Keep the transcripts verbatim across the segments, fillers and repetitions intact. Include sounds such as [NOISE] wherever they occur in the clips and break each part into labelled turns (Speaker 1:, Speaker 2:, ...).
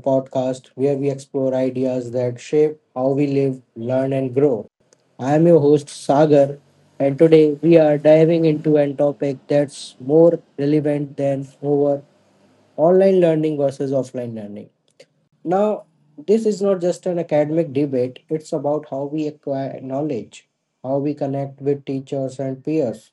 Speaker 1: Podcast where we explore ideas that shape how we live, learn, and grow. I am your host, Sagar, and today we are diving into a topic that's more relevant than over: online learning versus offline learning. Now, this is not just an academic debate, it's about how we acquire knowledge, how we connect with teachers and peers,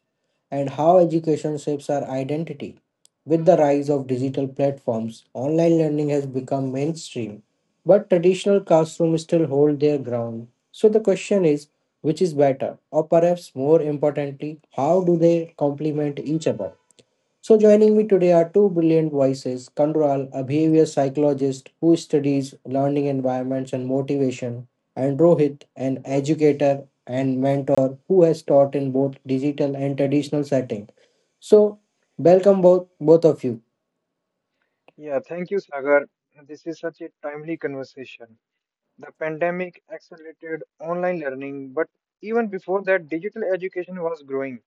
Speaker 1: and how education shapes our identity. With the rise of digital platforms, online learning has become mainstream, but traditional classrooms still hold their ground. So the question is, which is better, or perhaps more importantly, how do they complement each other? So, joining me today are two brilliant voices: Kandral, a behavior psychologist who studies learning environments and motivation, and Rohit, an educator and mentor who has taught in both digital and traditional settings. So, welcome both both of you.
Speaker 2: Yeah, thank you, Sagar. This is such a timely conversation. The pandemic accelerated online learning, but even before that, digital education was growing.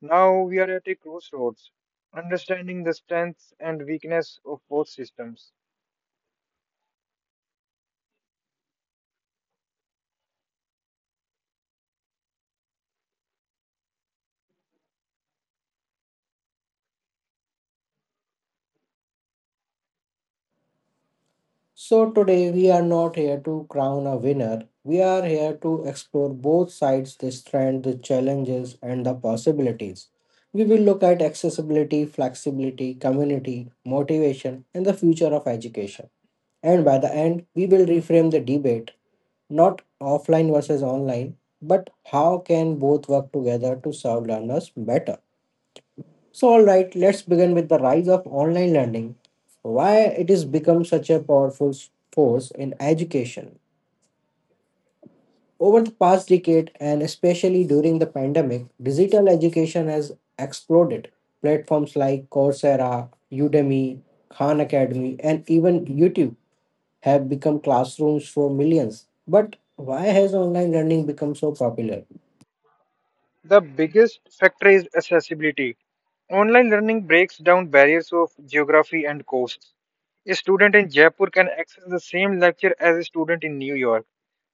Speaker 2: Now we are at a crossroads, understanding the strengths and weakness of both systems.
Speaker 1: So, today we are not here to crown a winner. We are here to explore both sides: the strand, the challenges, and the possibilities. We will look at accessibility, flexibility, community, motivation, and the future of education. And by the end, we will reframe the debate: not offline versus online, but how can both work together to serve learners better? So, all right, let's begin with the rise of online learning. Why it has become such a powerful s- force in education. Over the past decade, and especially during the pandemic, digital education has exploded. Platforms like Coursera, Udemy, Khan Academy, and even YouTube have become classrooms for millions. But why has online learning become so popular?
Speaker 2: The biggest factor is accessibility. Online learning breaks down barriers of geography and costs. A student in Jaipur can access the same lecture as a student in New York.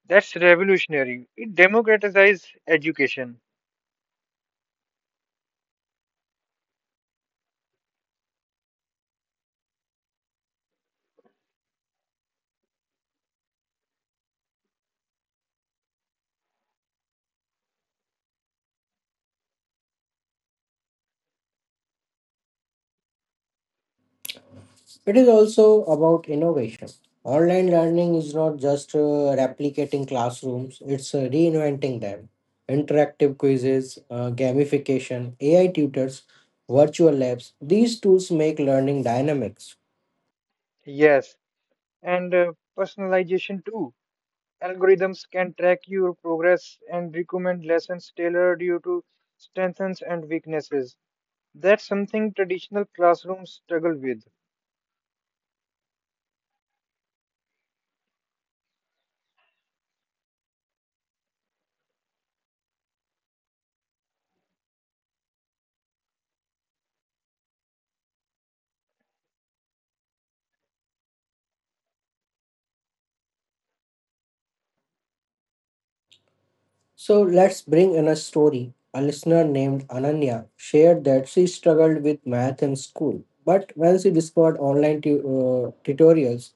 Speaker 2: That's revolutionary. It democratizes education.
Speaker 1: It is also about innovation. Online learning is not just uh, replicating classrooms, it's uh, reinventing them. Interactive quizzes, uh, gamification, A I tutors, virtual labs, these tools make learning dynamics.
Speaker 2: Yes, and uh, personalization too. Algorithms can track your progress and recommend lessons tailored you to strengths and weaknesses. That's something traditional classrooms struggle with.
Speaker 1: So let's bring in a story. A listener named Ananya shared that she struggled with math in school, but when she discovered online tu- uh, tutorials,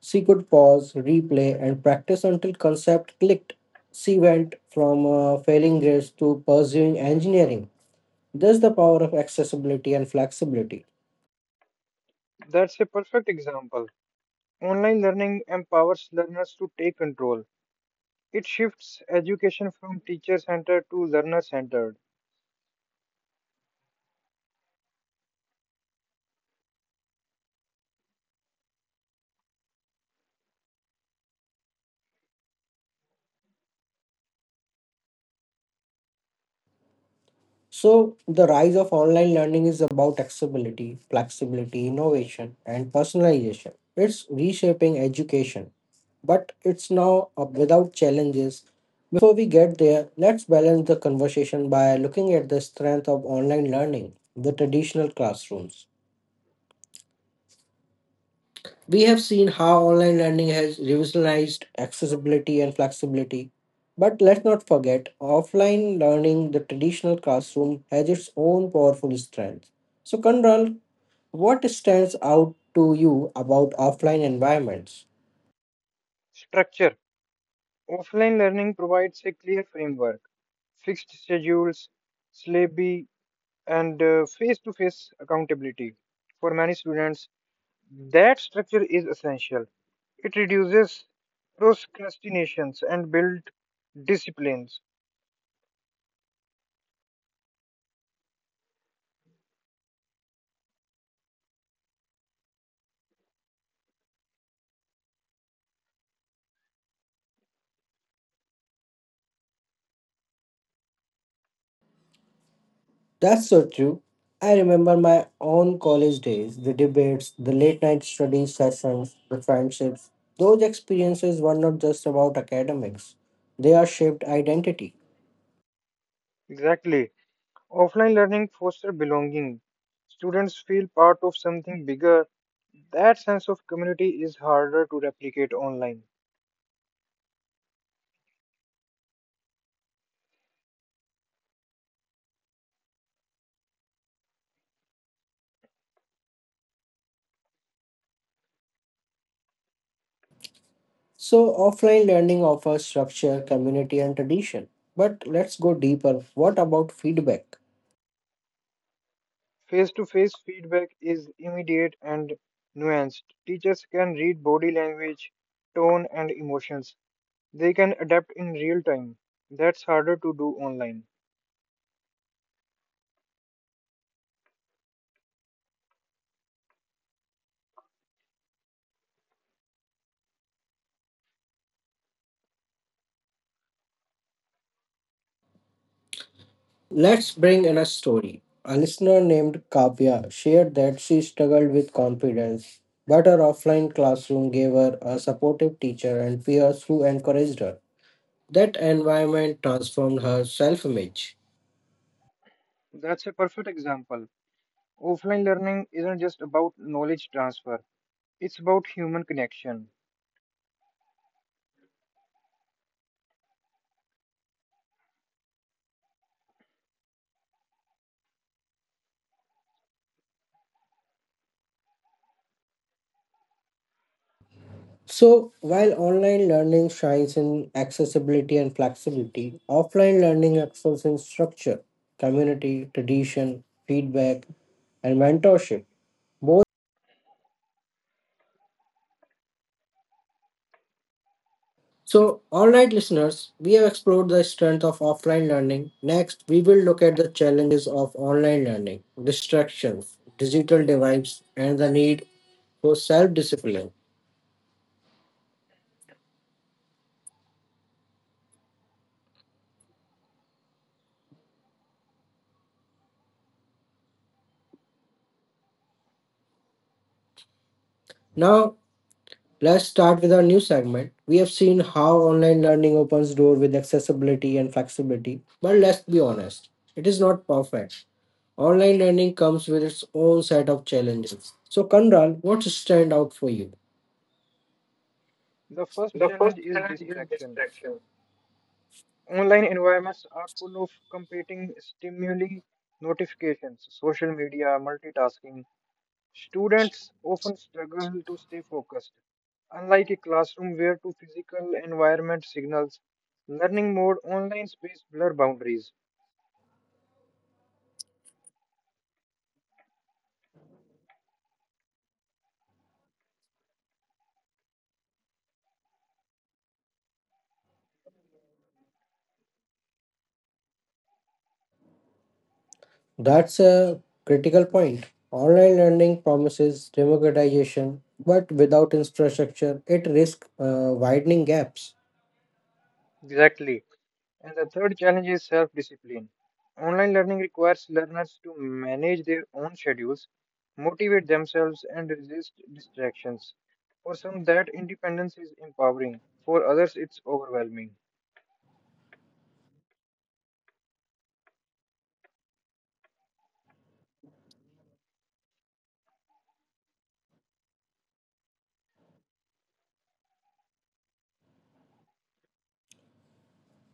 Speaker 1: she could pause, replay, and practice until concept clicked. She went from uh, failing grades to pursuing engineering. That's the power of accessibility and flexibility.
Speaker 2: That's a perfect example. Online learning empowers learners to take control. It shifts education from teacher-centered to learner-centered.
Speaker 1: So, the rise of online learning is about accessibility, flexibility, innovation, and personalization. It's reshaping education, but it's now uh, without challenges. Before we get there, let's balance the conversation by looking at the strength of online learning, the traditional classrooms. We have seen how online learning has revolutionized accessibility and flexibility. But let's not forget, offline learning, the traditional classroom, has its own powerful strengths. So, Kanral, what stands out to you about offline environments?
Speaker 2: Structure. Offline learning provides a clear framework, fixed schedules, syllabi, and face to face accountability. For many students, that structure is essential. It reduces procrastinations and builds disciplines.
Speaker 1: That's so true. I remember my own college days, the debates, the late night study sessions, the friendships. Those experiences were not just about academics, they are shaped identity.
Speaker 2: Exactly. Offline learning fosters belonging. Students feel part of something bigger. That sense of community is harder to replicate online.
Speaker 1: So, offline learning offers structure, community, and tradition. But let's go deeper. What about feedback?
Speaker 2: Face to face feedback is immediate and nuanced. Teachers can read body language, tone, and emotions. They can adapt in real time. That's harder to do online.
Speaker 1: Let's bring in a story. A listener named Kavya shared that she struggled with confidence, but her offline classroom gave her a supportive teacher and peers who encouraged her. That environment transformed her self image.
Speaker 2: That's a perfect example. Offline learning isn't just about knowledge transfer, it's about human connection.
Speaker 3: So, while online learning shines in accessibility and flexibility, offline learning excels in structure, community, tradition, feedback, and mentorship. Both
Speaker 1: So, all right, listeners, we have explored the strength of offline learning. Next, we will look at the challenges of online learning, distractions, digital divides, and the need for self discipline. Now, let's start with our new segment. We have seen how online learning opens door with accessibility and flexibility, but let's be honest, it is not perfect. Online learning comes with its own set of challenges. So, Kanral, what stand out for you?
Speaker 2: The first challenge is distraction. Online environments are full of competing stimuli, notifications, social media, multitasking. Students often struggle to stay focused. Unlike a classroom where two physical environment signals, learning mode online space blur boundaries.
Speaker 1: That's a critical point. Online learning promises democratization, but without infrastructure, it risks uh, widening gaps.
Speaker 2: Exactly. And the third challenge is self discipline. Online learning requires learners to manage their own schedules, motivate themselves, and resist distractions. For some, that independence is empowering, for others, it's overwhelming.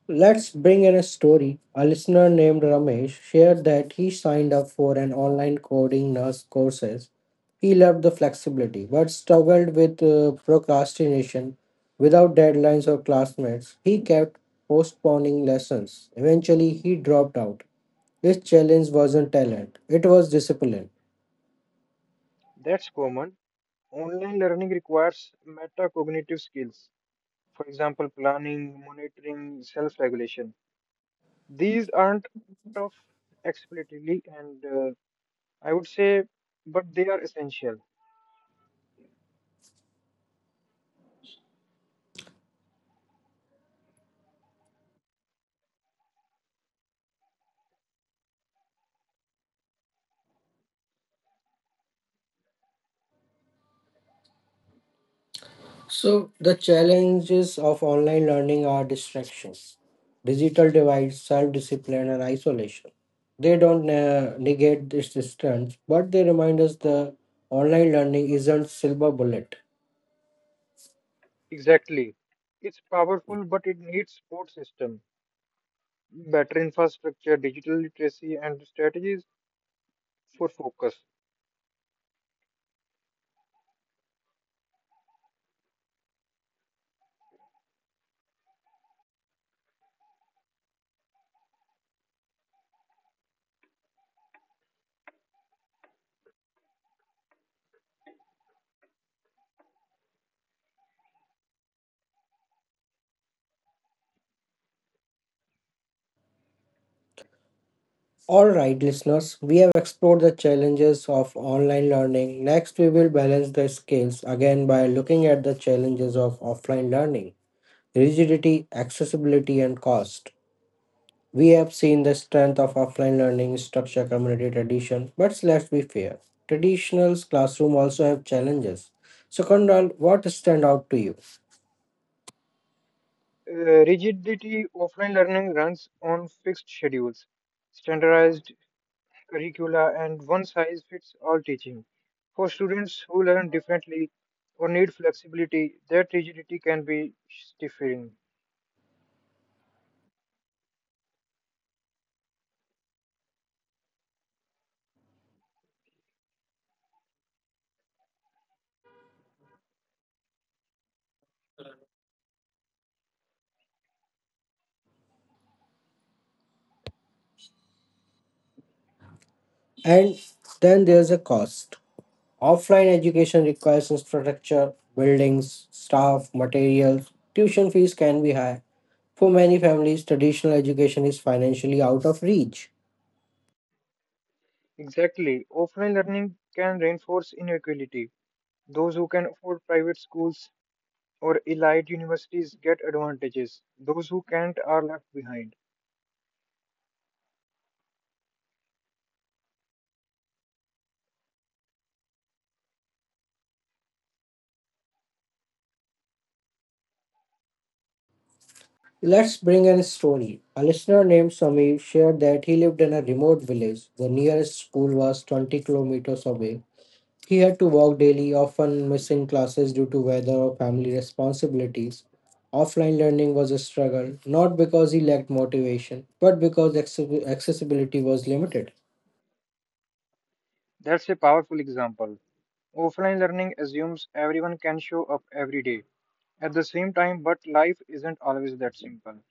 Speaker 1: Let's bring in a story. A listener named Ramesh shared that he signed up for an online coding nurse courses. He loved the flexibility, but struggled with uh, procrastination. Without deadlines or classmates, he kept postponing lessons. Eventually, he dropped out. His challenge wasn't talent, it was discipline.
Speaker 2: That's common. Online learning requires metacognitive skills, for example, planning, monitoring, self regulation. These aren't tough explicitly, and uh, I would say, but they are essential.
Speaker 1: So, the challenges of online learning are distractions, digital divides, self discipline, and isolation. They don't uh, negate this distance, but they remind us the online learning isn't silver bullet.
Speaker 2: Exactly. It's powerful, but it needs support system, better infrastructure, digital literacy, and strategies for focus.
Speaker 1: All right, listeners, we have explored the challenges of online learning. Next, we will balance the scales again by looking at the challenges of offline learning, rigidity, accessibility, and cost. We have seen the strength of offline learning: structure, community, tradition, but let's be fair. Traditional classroom also have challenges. So, Kondal, what stand out to you?
Speaker 2: Uh, rigidity offline learning runs on fixed schedules, standardized curricula, and one size fits all teaching. For students who learn differently or need flexibility, that rigidity can be stifling.
Speaker 1: And then there's a cost. Offline education requires infrastructure, buildings, staff, materials. Tuition fees can be high. For many families, traditional education is financially out of reach.
Speaker 2: Exactly. Offline learning can reinforce inequality. Those who can afford private schools or elite universities get advantages. Those who can't are left behind.
Speaker 1: Let's bring in a story. A listener named Samir shared that he lived in a remote village. The nearest school was 20 kilometers away. He had to walk daily, often missing classes due to weather or family responsibilities. Offline learning was a struggle, not because he lacked motivation, but because acce- accessibility was limited.
Speaker 2: That's a powerful example. Offline learning assumes everyone can show up every day at the same time, but life isn't always that simple.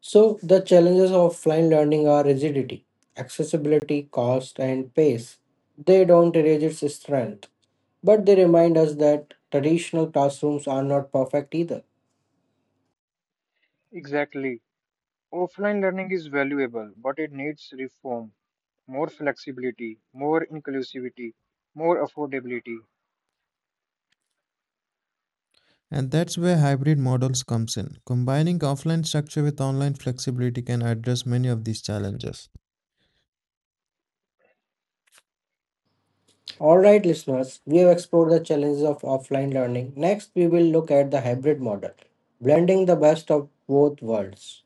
Speaker 1: So, the challenges of offline learning are rigidity, accessibility, cost, and pace. They don't erase its strength, but they remind us that traditional classrooms are not perfect either.
Speaker 2: Exactly. Offline learning is valuable, but it needs reform, more flexibility, more inclusivity, more affordability.
Speaker 4: And that's where hybrid models comes in. Combining offline structure with online flexibility can address many of these challenges.
Speaker 1: Alright, listeners, we have explored the challenges of offline learning. Next, we will look at the hybrid model, blending the best of both worlds.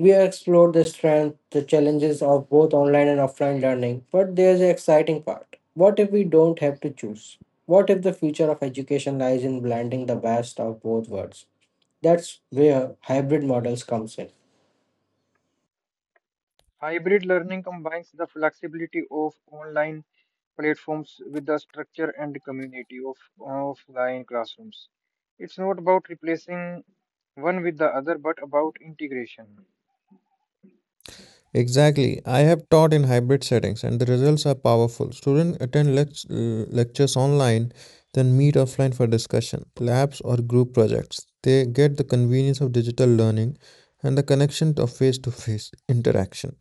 Speaker 1: We have explored the strength, the challenges of both online and offline learning, but there's an exciting part. What if we don't have to choose? What if the future of education lies in blending the best of both worlds? That's where hybrid models comes in.
Speaker 2: Hybrid learning combines the flexibility of online platforms with the structure and community of offline classrooms. It's not about replacing one with the other, but about integration.
Speaker 4: Exactly. I have taught in hybrid settings and the results are powerful. Students attend lect- lectures online, then meet offline for discussion, labs or group projects. They get the convenience of digital learning and the connection of face to face [LAUGHS] interaction.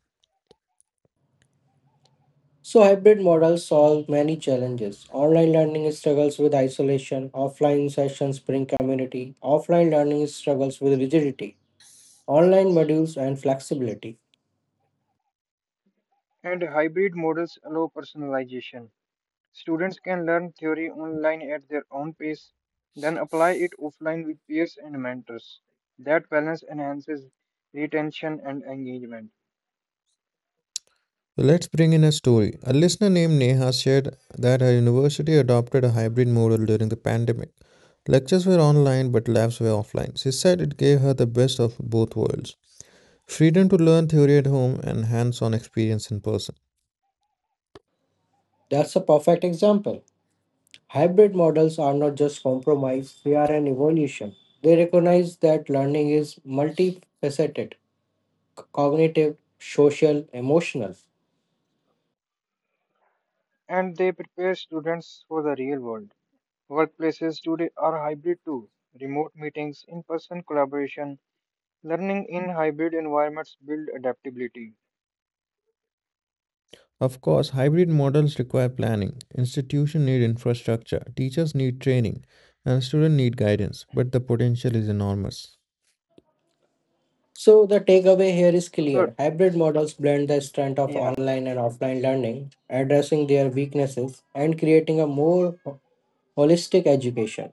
Speaker 1: So, hybrid models solve many challenges. Online learning struggles with isolation, offline sessions bring community; offline learning struggles with rigidity, online modules, and flexibility.
Speaker 2: And hybrid models allow personalization. Students can learn theory online at their own pace, then apply it offline with peers and mentors. That balance enhances retention and engagement,
Speaker 4: So let's bring in a story. A listener named Neha shared that her university adopted a hybrid model during the pandemic. Lectures were online, but labs were offline. She said it gave her the best of both worlds, freedom to learn theory at home and hands on experience in person.
Speaker 1: That's a perfect example. Hybrid models are not just compromise, they are an evolution. They recognize that learning is multifaceted: c- cognitive, social, emotional.
Speaker 2: and they prepare students for the real world. Workplaces today are hybrid too. Remote meetings, in person collaboration, learning in hybrid environments build adaptability.
Speaker 4: Of course, hybrid models require planning, institutions need infrastructure, teachers need training, and students need guidance, but the potential is enormous.
Speaker 1: So the takeaway here is
Speaker 2: So that,
Speaker 1: clear. Hybrid models blend the strength of
Speaker 2: yeah,
Speaker 1: online and offline learning, addressing their weaknesses and creating a more ho- holistic education.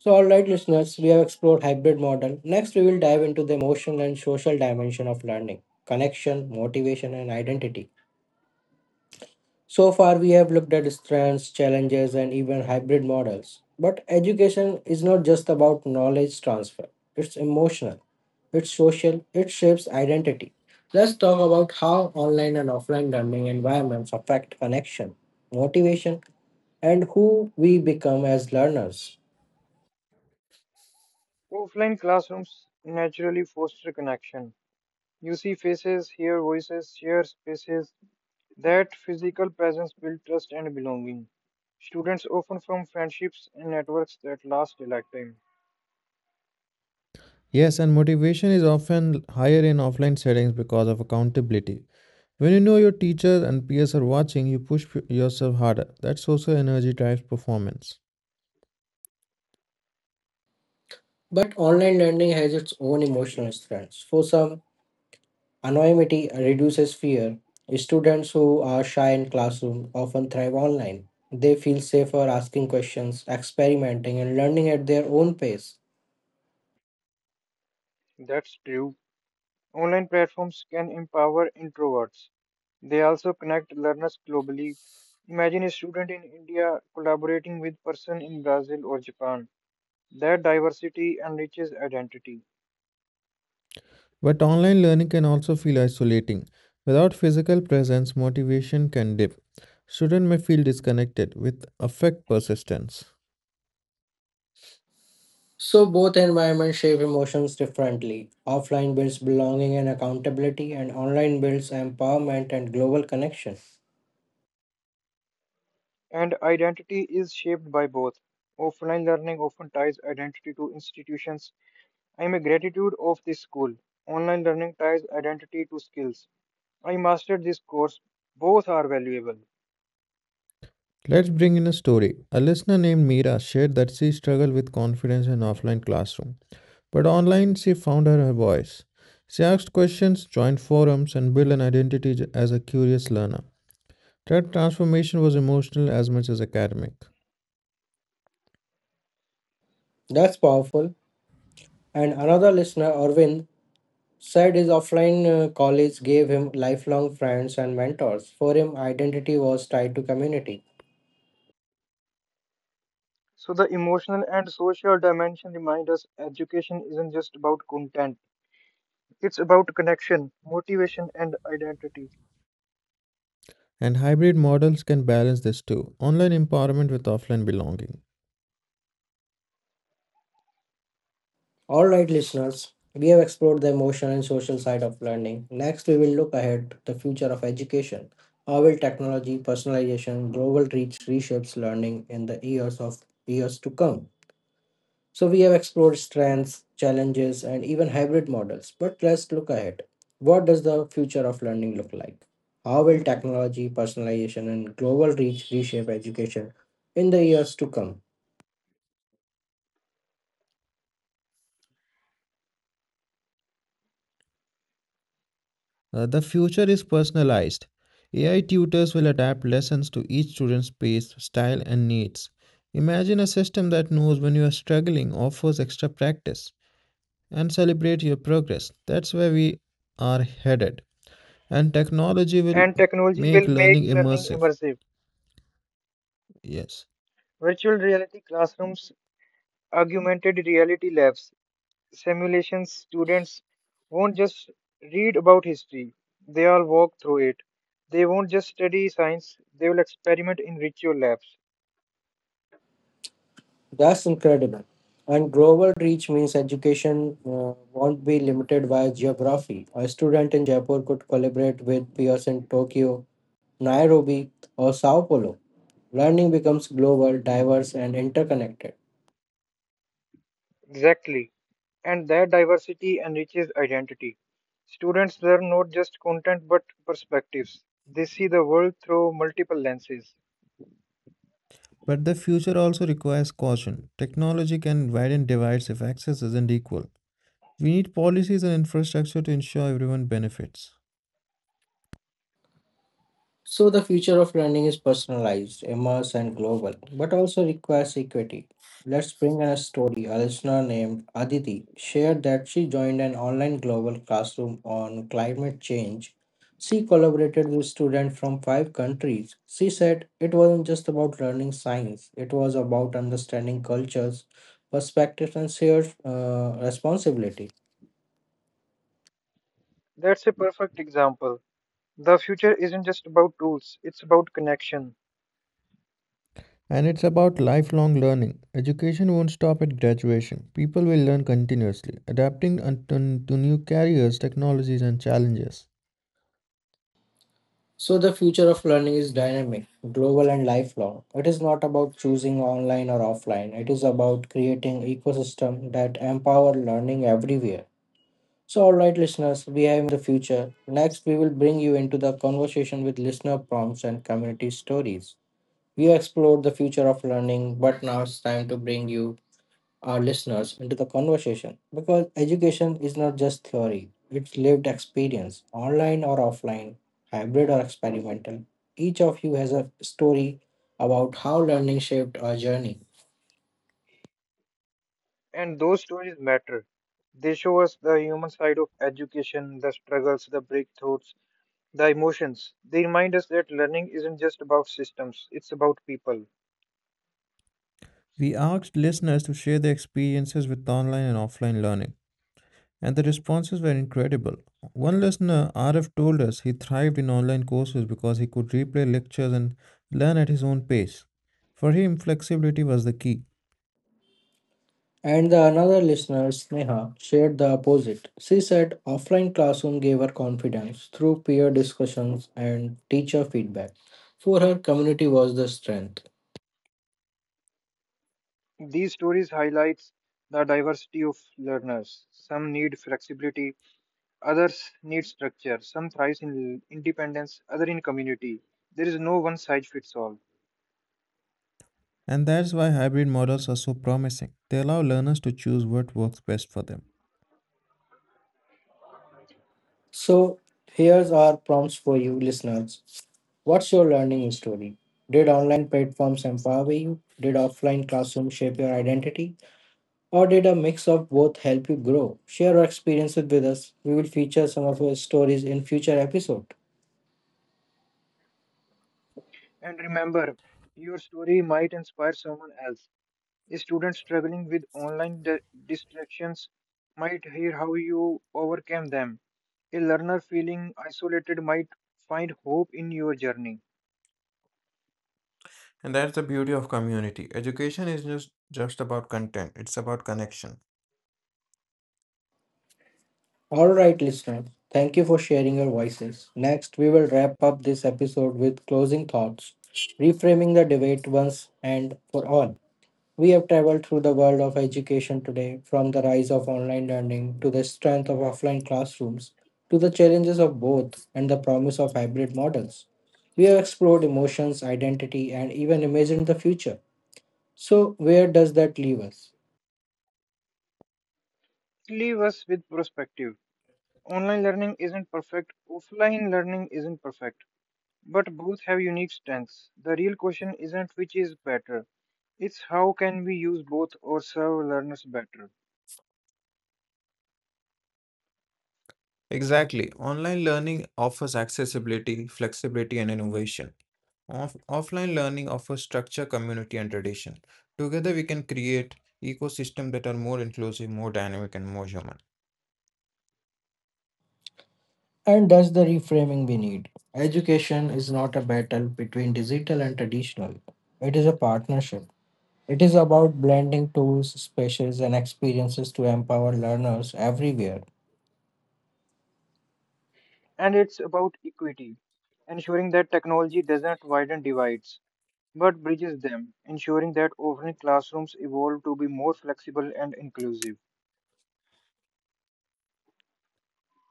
Speaker 1: So, all right, listeners, we have explored hybrid model. Next, we will dive into the emotional and social dimension of learning, connection, motivation, and identity. So far, we have looked at strengths, challenges, and even hybrid models. But education is not just about knowledge transfer, it's emotional, it's social, it shapes identity. Let's talk about how online and offline learning environments affect connection, motivation, and who we become as learners.
Speaker 2: offline classrooms naturally foster connection. You see faces, hear voices, share spaces. That physical presence builds trust and belonging. Students often form friendships and networks that last a lifetime.
Speaker 4: Yes, and motivation is often higher in offline settings because of accountability. When you know your teachers and peers are watching, you push p- yourself harder. That social energy drives performance.
Speaker 1: But online learning has its own emotional strengths. For some, anonymity reduces fear. Students who are shy in classroom often thrive online. They feel safer asking questions, experimenting, and learning at their own pace.
Speaker 2: That's true. Online platforms can empower introverts. They also connect learners globally. Imagine a student in India collaborating with person in Brazil or Japan. That diversity enriches identity,
Speaker 4: But online learning can also feel isolating. Without physical presence, motivation can dip. Students may feel disconnected with affect persistence.
Speaker 1: So, both environments shape emotions differently. Offline builds belonging and accountability, and online builds empowerment and global connection.
Speaker 2: and identity is shaped by both. Offline learning often ties identity to institutions. I am a gratitude of this school. Online learning ties identity to skills. I mastered this course. Both are valuable.
Speaker 4: Let's bring in a story. A listener named Meera shared that she struggled with confidence in offline classroom. But online, she found her, her voice. She asked questions, joined forums, and built an identity as a curious learner. That transformation was emotional as much as academic.
Speaker 1: That's powerful. And another listener, Arvind, said his offline uh, college gave him lifelong friends and mentors. For him, identity was tied to community.
Speaker 2: So the emotional and social dimension remind us education isn't just about content. It's about connection, motivation, and identity.
Speaker 4: And hybrid models can balance this too, online empowerment with offline belonging.
Speaker 1: All right, listeners, we have explored the emotional and social side of learning. Next, we will look ahead to the future of education. How will technology, personalization, global reach reshapes learning in the years of years to come? So, we have explored strengths, challenges, and even hybrid models. But let's look ahead. What does the future of learning look like? How will technology, personalization, and global reach reshape education in the years to come?
Speaker 4: Uh, the future is personalized. A I tutors will adapt lessons to each student's pace, style, and needs. Imagine a system that knows when you are struggling, offers extra practice, and celebrate your progress. That's where we are headed, and technology will
Speaker 2: And technology
Speaker 4: make
Speaker 2: will make
Speaker 4: learning
Speaker 2: learning
Speaker 4: immersive.
Speaker 2: immersive.
Speaker 4: Yes,
Speaker 2: Virtual reality classrooms, augmented reality labs, simulations, students won't just read about history, they will walk through it. They won't just study science, they will experiment in virtual labs.
Speaker 1: That's incredible. And global reach means education uh, won't be limited by geography. A student in Jaipur could collaborate with peers in Tokyo, Nairobi, or Sao Paulo. Learning becomes global, diverse, and interconnected.
Speaker 2: Exactly. And that diversity enriches identity. Students learn not just content but perspectives. They see the world through multiple lenses.
Speaker 4: but the future also requires caution. Technology can widen divides if access isn't equal. We need policies and infrastructure to ensure everyone benefits.
Speaker 1: So, the future of learning is personalized, immersed, and global, but also requires equity. Let's bring in a story. A listener named Aditi shared that she joined an online global classroom on climate change. She collaborated with students from five countries. She said it wasn't just about learning science, it was about understanding cultures, perspectives, and shared uh, responsibility.
Speaker 2: That's a perfect example. The future isn't just about tools, it's about connection.
Speaker 4: And it's about lifelong learning. Education won't stop at graduation. People will learn continuously, adapting un- to to new careers, technologies and challenges.
Speaker 1: So, the future of learning is dynamic, global, and lifelong. It is not about choosing online or offline. It is about creating ecosystem that empower learning everywhere. So, all right, listeners, we have imagined the future. Next, we will bring you into the conversation with listener prompts and community stories. We explored the future of learning, but now it's time to bring you, our listeners, into the conversation, because education is not just theory, it's lived experience, online or offline, hybrid or experimental. Each of you has a story about how learning shaped our journey.
Speaker 2: And those stories matter. They show us the human side of education, the struggles, the breakthroughs, the emotions. They remind us that learning isn't just about systems, it's about people.
Speaker 4: We asked listeners to share their experiences with online and offline learning, and the responses were incredible. One listener, R F, told us he thrived in online courses because he could replay lectures and learn at his own pace. For him, flexibility was the key,
Speaker 1: And the another listener, Sneha, shared the opposite. She said offline classroom gave her confidence through peer discussions and teacher feedback. For her, community was the strength.
Speaker 2: These stories highlight the diversity of learners. Some need flexibility, others need structure, some thrive in independence, other in community. There is no one size fits all.
Speaker 4: and that's why hybrid models are so promising. They allow learners to choose what works best for them.
Speaker 1: So, here's our prompts for you listeners. What's your learning story? Did online platforms empower you? Did offline classrooms shape your identity? Or did a mix of both help you grow? Share your experiences with us. We will feature some of your stories in future episode.
Speaker 2: And remember, your story might inspire someone else. A student struggling with online di- distractions might hear how you overcame them. A learner feeling isolated might find hope in your journey.
Speaker 4: And that's the beauty of community. Education is just just about content, it's about connection.
Speaker 1: All right, listeners. Thank you for sharing your voices. Next, we will wrap up this episode with closing thoughts, reframing the debate once and for all. We have traveled through the world of education today, from the rise of online learning to the strength of offline classrooms, to the challenges of both and the promise of hybrid models. We have explored emotions, identity, and even imagined the future. So, where does that leave us?
Speaker 2: Leave us with perspective. Online learning isn't perfect, offline learning isn't perfect, but both have unique strengths. The real question isn't which is better, it's how can we use both or serve learners better.
Speaker 4: Exactly. Online learning offers accessibility, flexibility, and innovation. Off- offline learning offers structure, community, and tradition. Together, we can create ecosystems that are more inclusive, more dynamic, and more human.
Speaker 1: And that's the reframing we need. Education is not a battle between digital and traditional, it is a partnership. It is about blending tools, spaces, and experiences to empower learners everywhere.
Speaker 2: And it's about equity, ensuring that technology doesn't widen divides, but bridges them, ensuring that offline classrooms evolve to be more flexible and inclusive.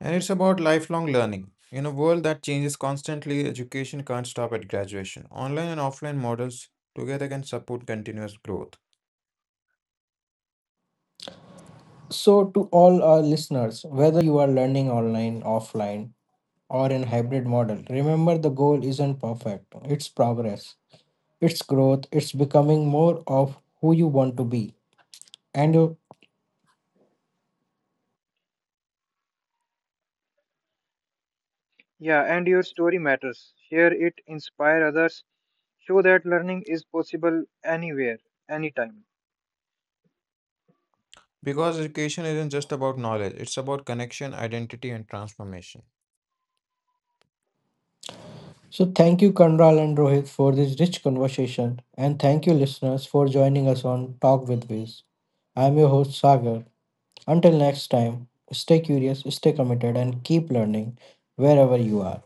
Speaker 4: And it's about lifelong learning. In a world that changes constantly, education can't stop at graduation. Online and offline models together can support continuous growth.
Speaker 1: So, to all our listeners, whether you are learning online, offline, or in hybrid model, remember the goal isn't perfect. It's progress, it's growth, it's becoming more of who you want to be. And uh,
Speaker 2: Yeah, and your story matters. Share it, inspire others, show that learning is possible anywhere, anytime.
Speaker 4: Because education isn't just about knowledge, it's about connection, identity, and transformation.
Speaker 1: so, thank you, Kanral and Rohit, for this rich conversation. And thank you, listeners, for joining us on Talk with Viz. I'm your host, Sagar. Until next time, stay curious, stay committed, and keep learning wherever you are.